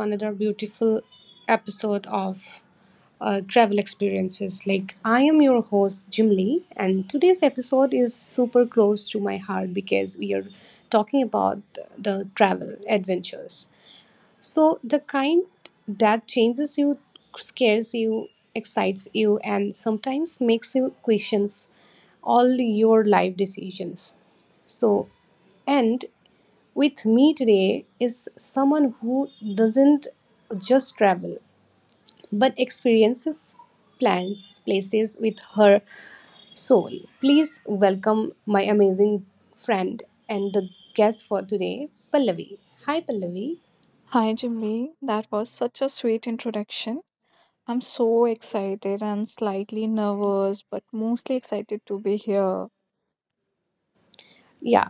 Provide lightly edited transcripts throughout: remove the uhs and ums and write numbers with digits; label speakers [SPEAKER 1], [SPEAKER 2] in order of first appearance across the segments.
[SPEAKER 1] another beautiful episode of Travel Experiences. I am your host, Jim Lee, and today's episode is super close to my heart because we are talking about the travel adventures. So the kind that changes you, scares you, excites you, and sometimes makes you questions all your life decisions. So, and with me today is someone who doesn't just travel but experiences plans, places with her soul. Please welcome my amazing friend and the guest for today, Pallavi. Hi, Pallavi.
[SPEAKER 2] Hi, Jimly. That was such a sweet introduction. I'm so excited and slightly nervous, but mostly excited to be here.
[SPEAKER 1] Yeah,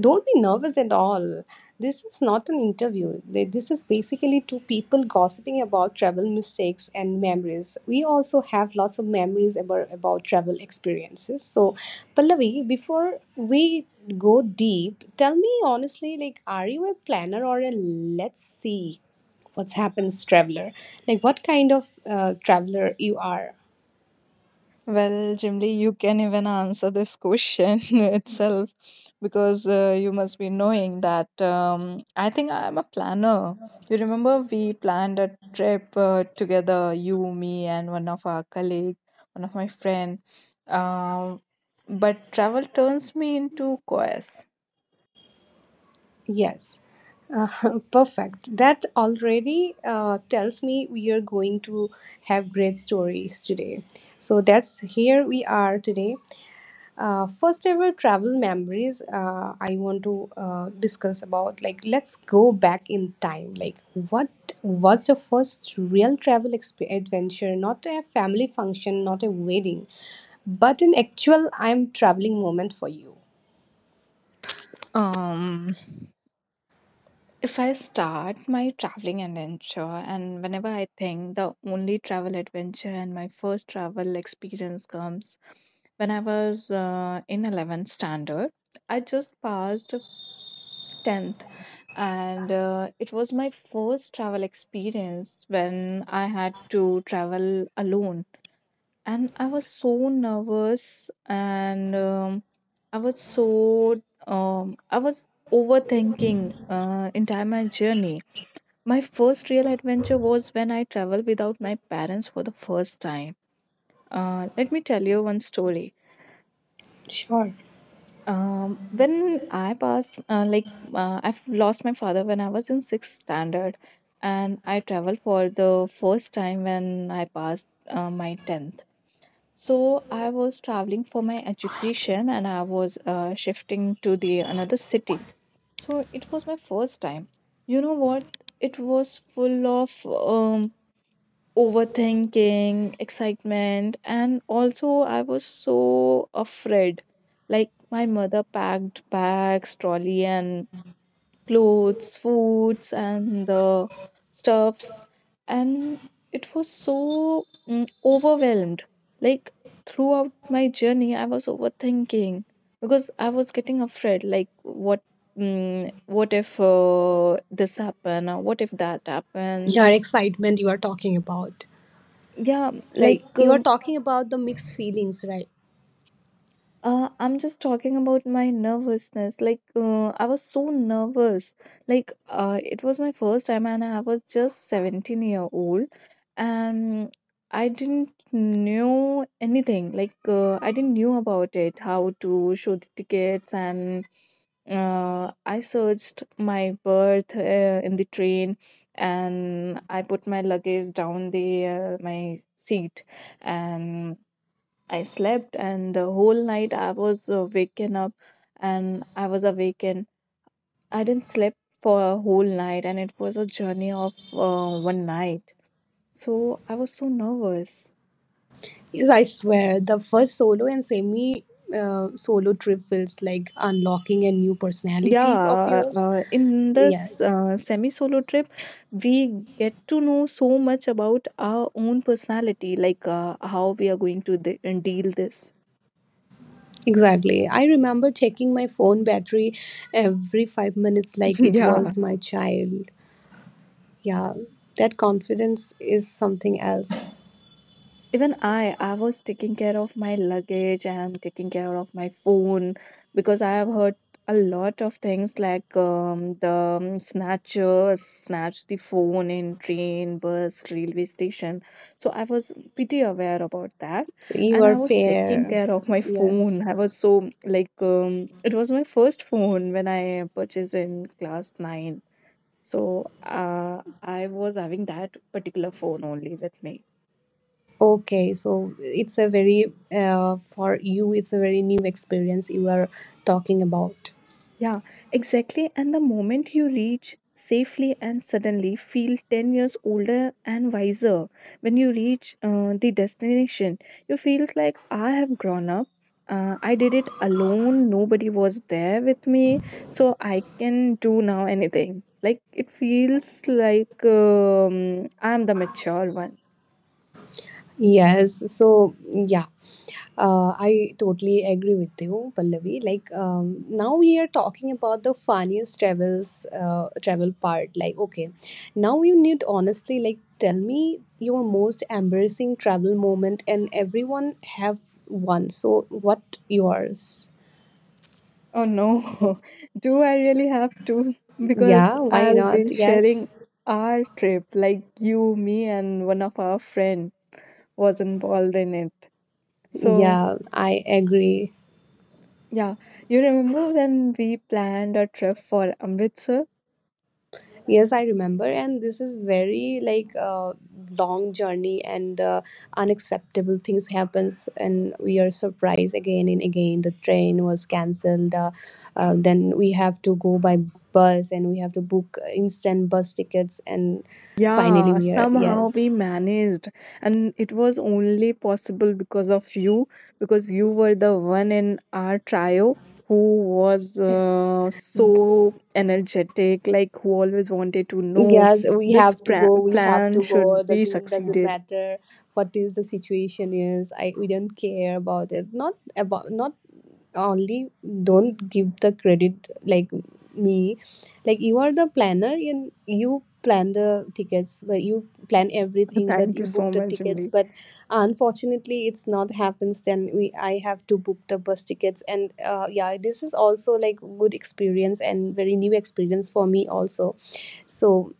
[SPEAKER 1] don't be nervous at all. This is not an interview. This is basically two people gossiping about travel mistakes and memories. We also have lots of memories about, travel experiences. So, Pallavi, before we go deep, tell me honestly, are you a planner or a let's see what's happens traveler? Like, what kind of traveler you are?
[SPEAKER 2] Well, Jimly, you can even answer this question itself because you must be knowing that I think I'm a planner. You remember we planned a trip together, you, me, and one of our colleague, one of my friend. Um, but travel turns me into chaos.
[SPEAKER 1] Yes, perfect. That already tells me we are going to have great stories today. So that's here we are today. First ever travel memories I want to discuss about. Like, let's go back in time. Like, what was the first real travel adventure? Not a family function, not a wedding, but an actual I'm traveling moment for you.
[SPEAKER 2] Um, If I start my traveling adventure, and whenever I think the only travel adventure and my first travel experience comes when I was in 11th standard, I just passed 10th, and it was my first travel experience when I had to travel alone. And I was so nervous, and I was so, I was overthinking entire my journey. My first real adventure was when I traveled without my parents for the first time. Let me tell you one story.
[SPEAKER 1] Sure.
[SPEAKER 2] When I passed, like I've lost my father when I was in sixth standard, and I traveled for the first time when I passed my tenth. So I was traveling for my education, and I was shifting to the another city. So it was my first time. You know what? It was full of overthinking, excitement, and also I was so afraid. Like my mother packed bags, trolley, and clothes, foods, and the stuffs, and it was so overwhelmed. Like throughout my journey, I was overthinking because I was getting afraid. Like what? What if this happen or what if that happens.
[SPEAKER 1] Your excitement you are talking about.
[SPEAKER 2] Yeah. Like,
[SPEAKER 1] Like you are talking about the mixed feelings, right?
[SPEAKER 2] I'm just talking about my nervousness. Like, I was so nervous. Like, it was my first time, and I was just 17-year-old, and I didn't know anything. Like, I didn't knew about it, how to show the tickets, and I searched my berth in the train, and I put my luggage down the my seat, and I slept, and the whole night I was waken up, and I was awakened. I didn't sleep for a whole night, and it was a journey of one night. So I was so nervous.
[SPEAKER 1] Yes, I swear the first solo and semi solo trip feels like unlocking a new personality of
[SPEAKER 2] Yeah,
[SPEAKER 1] yours.
[SPEAKER 2] in this
[SPEAKER 1] Yes,
[SPEAKER 2] semi solo trip, we get to know so much about our own personality, like how we are going to deal this.
[SPEAKER 1] exactly. I remember checking my phone battery every 5 minutes like it
[SPEAKER 2] Yeah.
[SPEAKER 1] was my child. Yeah, that confidence is something else.
[SPEAKER 2] Even I was taking care of my luggage and taking care of my phone because I have heard a lot of things like the snatchers snatch the phone in train bus railway station, so I was pretty aware about that
[SPEAKER 1] So, you
[SPEAKER 2] and
[SPEAKER 1] are
[SPEAKER 2] I was taking
[SPEAKER 1] fair.
[SPEAKER 2] care of my phone.
[SPEAKER 1] Yes.
[SPEAKER 2] I was so, like it was my first phone when I purchased in class 9, so I was having that particular phone only with me.
[SPEAKER 1] Okay, so it's a very, for you, it's a very new experience you are talking about.
[SPEAKER 2] Yeah, exactly. And the moment you reach safely and suddenly feel 10 years older and wiser when you reach the destination, you feel like I have grown up. I did it alone. Nobody was there with me. So I can do now anything. Like it feels like I'm the mature one.
[SPEAKER 1] Yes, so yeah, I totally agree with you, Pallavi. Like now we are talking about the funniest travels, travel part. Like okay, now you need honestly like tell me your most embarrassing travel moment, and everyone have one. So what yours?
[SPEAKER 2] Oh no, do I really have to? Because
[SPEAKER 1] Yeah, why
[SPEAKER 2] I'll
[SPEAKER 1] not?
[SPEAKER 2] be sharing
[SPEAKER 1] Yes.
[SPEAKER 2] our trip, like you, me, and one of our friend was involved in it. So
[SPEAKER 1] Yeah, I agree.
[SPEAKER 2] yeah, you remember when we planned a trip for Amritsar?
[SPEAKER 1] Yes, I remember, and this is very like long journey, and the unacceptable things happens, and we are surprised again and again. The train was cancelled. Then we have to go by bus, and we have to book instant bus tickets, and finally
[SPEAKER 2] Yeah,
[SPEAKER 1] we are
[SPEAKER 2] somehow we
[SPEAKER 1] yes.
[SPEAKER 2] managed, and it was only possible because of you, because you were the one in our trio who was so energetic, like who always wanted to know
[SPEAKER 1] Yes, we
[SPEAKER 2] this
[SPEAKER 1] have to
[SPEAKER 2] pra-
[SPEAKER 1] go,
[SPEAKER 2] plan should be
[SPEAKER 1] doesn't
[SPEAKER 2] succeeded.
[SPEAKER 1] matter what is the situation is, I we don't care about it, not about, not only don't give the credit like me, like you are the planner and you plan the tickets, but you plan everything, but
[SPEAKER 2] Thank
[SPEAKER 1] you
[SPEAKER 2] you so
[SPEAKER 1] book the
[SPEAKER 2] much,
[SPEAKER 1] tickets,
[SPEAKER 2] Jimli.
[SPEAKER 1] but unfortunately it's not happens, then we I have to book the bus tickets, and yeah, this is also like good experience and very new experience for me also. So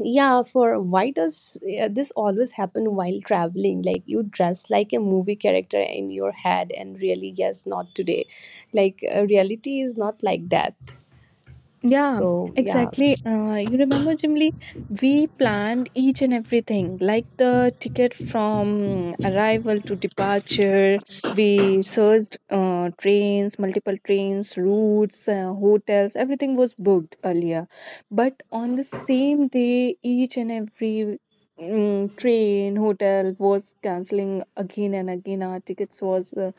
[SPEAKER 1] yeah, for why does this always happen while traveling? Like you dress like a movie character in your head, and really, yes, not today. Like reality is not like that.
[SPEAKER 2] Yeah,
[SPEAKER 1] So, yeah,
[SPEAKER 2] exactly. You remember, Jimly, we planned each and everything, like the ticket from arrival to departure. We searched trains, multiple trains, routes, hotels, everything was booked earlier. But on the same day, each and every train, hotel was canceling again and again. Our tickets was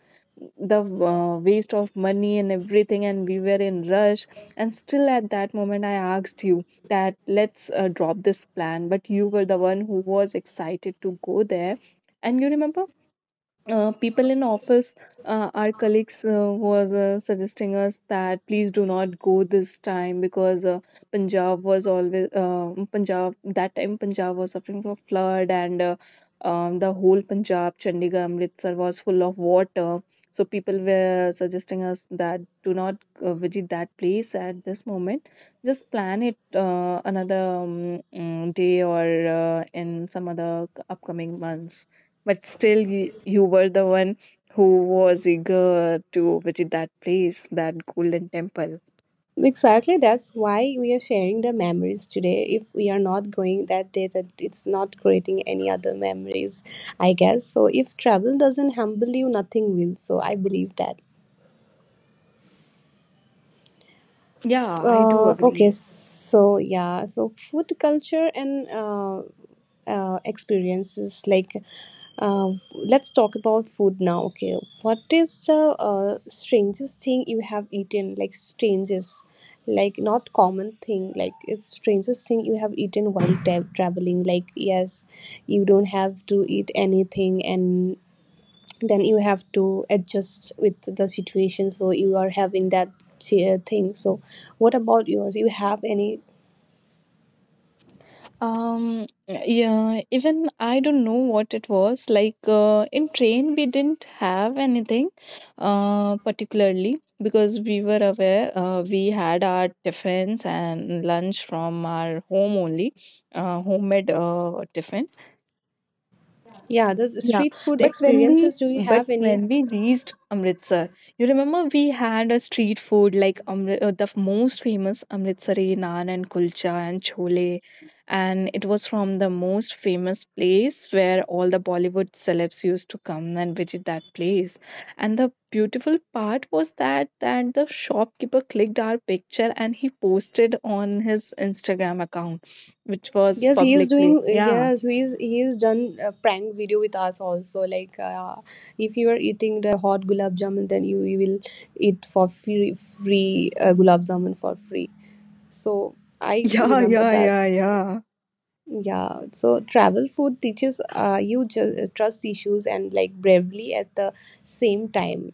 [SPEAKER 2] the waste of money and everything, and we were in rush, and still at that moment, I asked you that let's drop this plan. But you were the one who was excited to go there. And you remember people in office, our colleagues was suggesting us that please do not go this time because Punjab was always Punjab, that time Punjab was suffering from flood, and the whole Punjab, Chandigarh, Amritsar was full of water, so people were suggesting us that do not visit that place at this moment, just plan it another day or in some other upcoming months. But still, you were the one who was eager to visit that place, that Golden Temple.
[SPEAKER 1] exactly. That's why we are sharing the memories today. If we are not going that day, that it's not creating any other memories, I guess. So, if travel doesn't humble you, nothing will. So, I believe that.
[SPEAKER 2] Yeah, I do agree.
[SPEAKER 1] Okay, so yeah, so food culture and experiences. Like let's talk about food now. Okay, what is the strangest thing you have eaten? Like strangest, like not common thing, like it's strangest thing you have eaten while traveling. Like yes, you don't have to eat anything and then you have to adjust with the situation, so you are having that thing. So what about yours? You have any?
[SPEAKER 2] Yeah, even I don't know what it was. Like, in train, we didn't have anything, particularly because we were aware, we had our tiffins and lunch from our home only, homemade, tiffin.
[SPEAKER 1] Yeah, the
[SPEAKER 2] Yeah,
[SPEAKER 1] street food
[SPEAKER 2] but when we
[SPEAKER 1] experiences, do you
[SPEAKER 2] but
[SPEAKER 1] have any?
[SPEAKER 2] when we reached Amritsar, you remember we had a street food like most famous Amritsari naan and kulcha and chole, and it was from the most famous place where all the Bollywood celebs used to come and visit that place. And the beautiful part was that the shopkeeper clicked our picture and he posted on his Instagram account, which was
[SPEAKER 1] Yes, he is
[SPEAKER 2] publicly.
[SPEAKER 1] doing.
[SPEAKER 2] Yeah,
[SPEAKER 1] Yes, he is. He is done a prank video with us also. Like, if you are eating the hot gulab jamun, then you will eat for free, free gulab jamun for free. So I
[SPEAKER 2] yeah,
[SPEAKER 1] remember
[SPEAKER 2] yeah,
[SPEAKER 1] that.
[SPEAKER 2] yeah, yeah.
[SPEAKER 1] Yeah. So travel food teaches you trust issues and like bravely at the same time.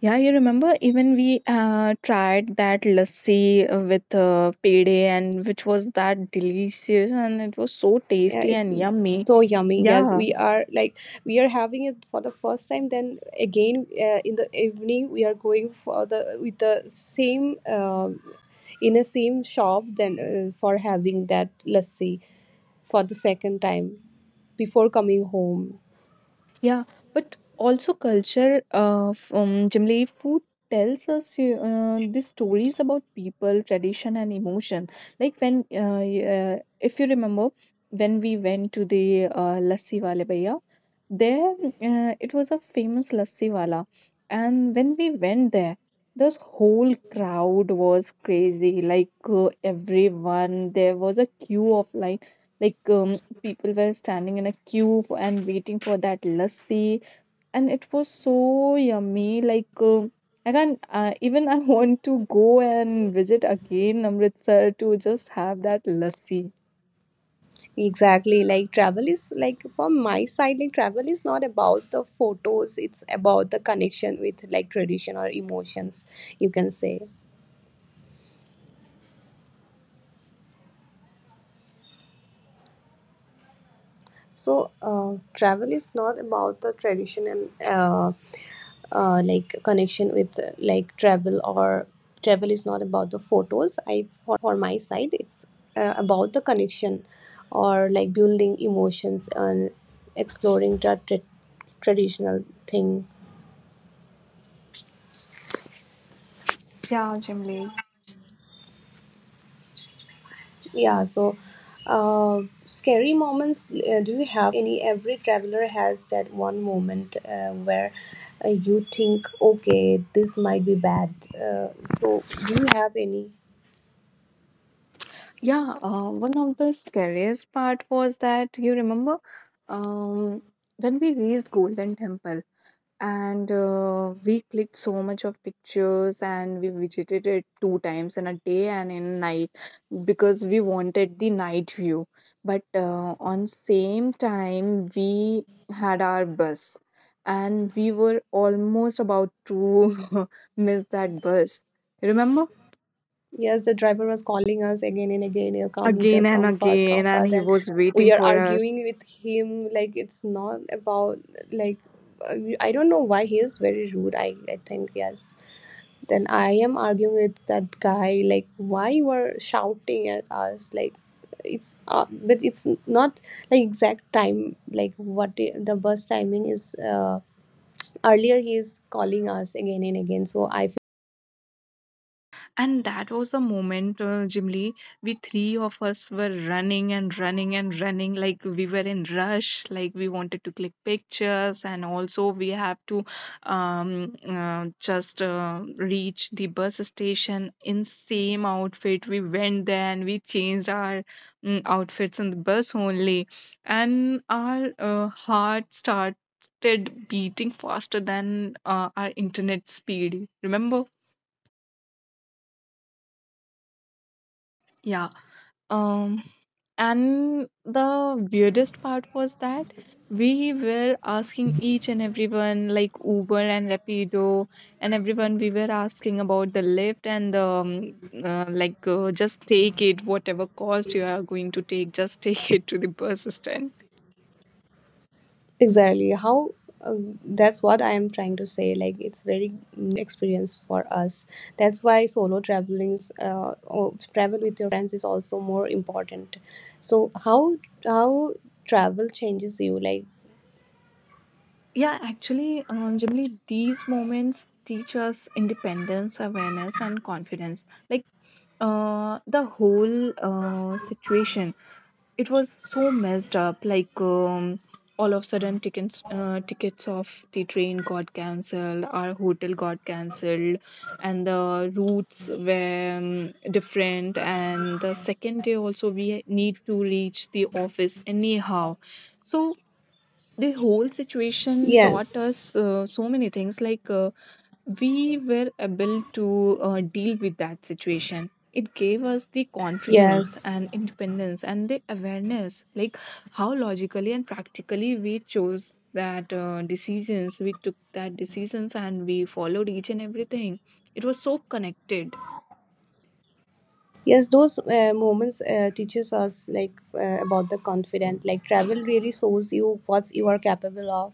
[SPEAKER 2] Yeah, you remember even we tried that lassi with pede, and which was that delicious and it was so
[SPEAKER 1] Yeah,
[SPEAKER 2] tasty
[SPEAKER 1] it's
[SPEAKER 2] and yummy.
[SPEAKER 1] so yummy. Yes,
[SPEAKER 2] Yeah.
[SPEAKER 1] we are like we are having it for the first time, then again in the evening we are going for the with the same in a same shop, then for having that lassi for the second time before coming home.
[SPEAKER 2] Yeah, but also culture from generally food tells us the stories about people, tradition, and emotion. Like if you remember, when we went to the Lassi Wale Bhaiya, there it was a famous Lassi Wala, and when we went there, this whole crowd was crazy. Like everyone, there was a queue of line. Like people were standing in a queue for, and waiting for that lassi, and it was so yummy. Like, I can even I want to go and visit again Amritsar to just have that lassi.
[SPEAKER 1] Exactly, like travel is like from my side, like travel is not about the photos, it's about the connection with like tradition or emotions, you can say. So travel is not about the tradition and like connection with like travel or travel is not about the photos. I for my side it's about the connection or like building emotions and exploring traditional thing.
[SPEAKER 2] Yeah,
[SPEAKER 1] Yeah, so scary moments. Do you have any? Every traveler has that one moment where you think, okay, this might be bad. So, do you have any?
[SPEAKER 2] yeah, one of the scariest part was that you remember um when we reached Golden Temple and we clicked so much of pictures and we visited it two times in a day and in night because we wanted the night view, but on same time we had our bus and we were almost about to miss that bus, remember,
[SPEAKER 1] Yes, the driver was calling us again and again. You know, come,
[SPEAKER 2] again
[SPEAKER 1] Mujab,
[SPEAKER 2] and
[SPEAKER 1] come
[SPEAKER 2] again, and
[SPEAKER 1] fast,
[SPEAKER 2] he
[SPEAKER 1] and
[SPEAKER 2] was waiting
[SPEAKER 1] we are
[SPEAKER 2] for us.
[SPEAKER 1] arguing with him. Like it's not about like I don't know why he is very rude. I think yes. Then I am arguing with that guy like why you are shouting at us like it's but it's not like exact time like what the, bus timing is earlier he is calling us again and again so I
[SPEAKER 2] And that was the moment, Jimly, we three of us were running and running and running. Like we were in rush, like we wanted to click pictures. And also we have to just reach the bus station in same outfit. We went there and we changed our outfits in the bus only. And our heart started beating faster than our internet speed. Remember? Yeah. Um, and the weirdest part was that we were asking each and everyone, like Uber and Rapido, and everyone, we were asking about the lift and the, like just take it, whatever cost you are going to take, just take it to the bus stand.
[SPEAKER 3] Exactly. How That's what I am trying to say. Like, it's very new experience for us. That's why solo traveling, or travel with your friends is also more important. So how travel changes you? Like,
[SPEAKER 2] Yeah, actually, generally, these moments teach us independence, awareness, and confidence. Like, the whole situation, it was so messed up. Like all of a sudden, tickets, tickets of the train got cancelled, our hotel got cancelled, and the routes were different, and the second day also we need to reach the office anyhow. So the whole situation taught
[SPEAKER 3] yes,
[SPEAKER 2] us so many things, like we were able to deal with that situation. It gave us the confidence
[SPEAKER 3] yes.
[SPEAKER 2] and independence and the awareness, like how logically and practically we chose that decisions, we took that decisions, and we followed each and everything. It was so connected.
[SPEAKER 3] Yes, those moments teaches us like about the confident. Like, travel really shows you what you are capable of.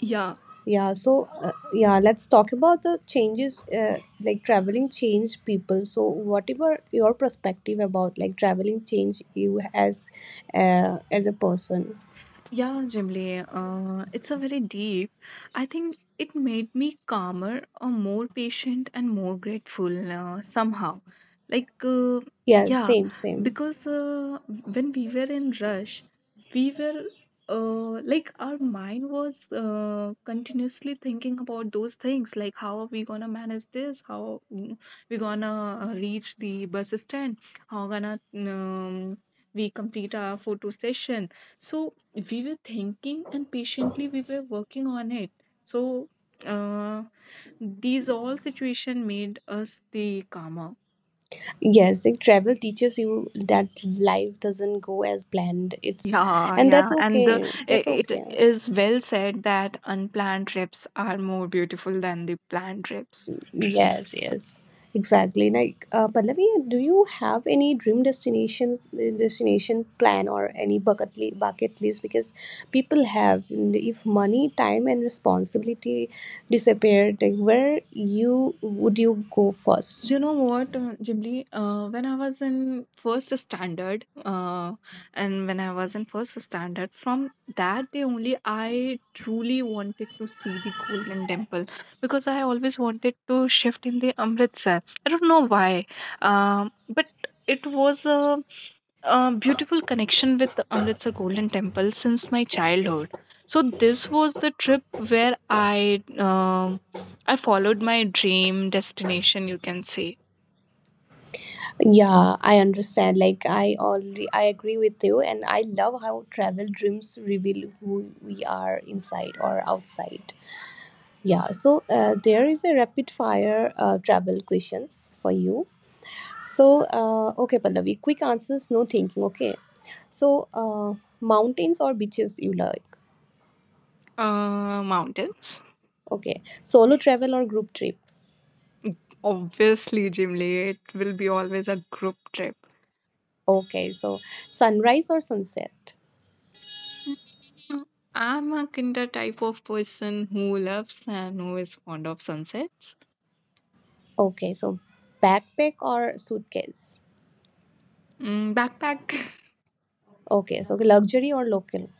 [SPEAKER 2] Yeah.
[SPEAKER 3] Yeah, so yeah, let's talk about the changes like traveling changed people. So whatever your perspective about like traveling changed you as a person.
[SPEAKER 2] Yeah, Jimli, it's a very deep. I think it made me calmer, or more patient, and more grateful somehow. Like,
[SPEAKER 3] Yeah,
[SPEAKER 2] yeah,
[SPEAKER 3] same, same.
[SPEAKER 2] because when we were in rush, we were like our mind was continuously thinking about those things, like how are we gonna manage this? How we gonna reach the bus stand? How gonna we complete our photo session? So we were thinking and patiently we were working on it. So uh, these all situation made us the calmer.
[SPEAKER 3] Yes, like travel teaches you that life doesn't go as planned. It's
[SPEAKER 2] Yeah,
[SPEAKER 3] and
[SPEAKER 2] yeah,
[SPEAKER 3] that's
[SPEAKER 2] and
[SPEAKER 3] okay. That's
[SPEAKER 2] it
[SPEAKER 3] okay.
[SPEAKER 2] is well said that unplanned trips are more beautiful than the planned trips.
[SPEAKER 3] Yes, yes, exactly. Like, Pallavi, do you have any dream destinations, destination plan, or any bucket list? Because people have, and if money, time, and responsibility disappeared, like where you would you go first?
[SPEAKER 2] You know what, Jimli? When I was in first standard, and when I was in first standard, from that day only, I truly wanted to see the Golden Temple because I always wanted to shift in the Amritsar. I don't know why, but it was a beautiful connection with the Amritsar Golden Temple since my childhood. So this was the trip where I followed my dream destination, you can say.
[SPEAKER 3] Yeah, I understand. Like, I agree with you, and I love how travel dreams reveal who we are inside or outside. Yeah, so there is a rapid fire travel questions for you. So, okay, Pallavi, quick answers, no thinking. Okay, so mountains or beaches you like?
[SPEAKER 2] Mountains.
[SPEAKER 3] Okay, solo travel or group trip?
[SPEAKER 2] Obviously, Jimli, it will be always a group trip.
[SPEAKER 3] Okay, so sunrise or sunset?
[SPEAKER 2] Mhm. I'm a kinder type of person who loves and who is fond of sunsets.
[SPEAKER 3] Okay, so backpack or suitcase?
[SPEAKER 2] Backpack.
[SPEAKER 3] Okay, so luxury or local?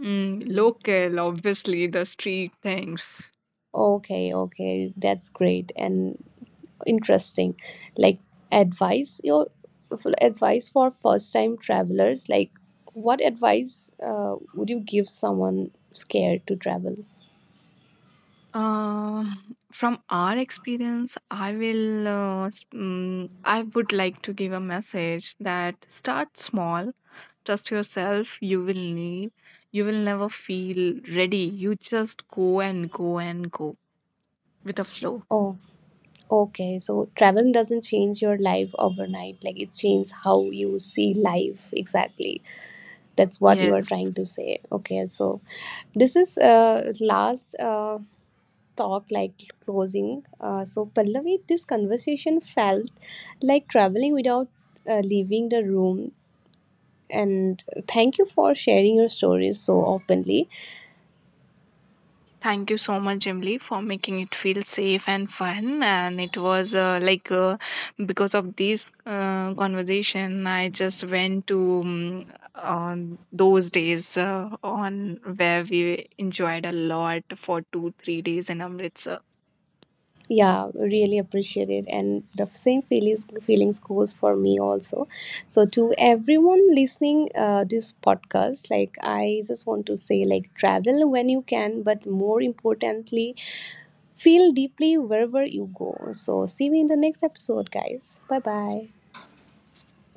[SPEAKER 2] Local, obviously, the street things.
[SPEAKER 3] Okay, okay, that's great. And interesting, like, advice advice for first time travelers, like what advice would you give someone scared to travel?
[SPEAKER 2] Uh, from our experience, I will. I would like to give a message that start small, trust yourself. You will never feel ready. You just go and go and go with a flow.
[SPEAKER 3] Oh, okay, so travel doesn't change your life overnight, like it changes how you see life. Exactly, that's what you are
[SPEAKER 2] Yes,
[SPEAKER 3] trying to say. Okay, so this is last talk, like closing. So, Pallavi, this conversation felt like traveling without leaving the room, and thank you for sharing your stories so openly.
[SPEAKER 2] thank you so much, Emily, for making it feel safe and fun, and it was like because of this conversation, I just went to on those days, on where we enjoyed a lot for 2 3 days in Amritsar.
[SPEAKER 3] Yeah, really appreciate it. And the same feelings goes for me also. So to everyone listening this podcast, like I just want to say, like travel when you can, but more importantly feel deeply wherever you go. So see you in the next episode, guys. Bye bye.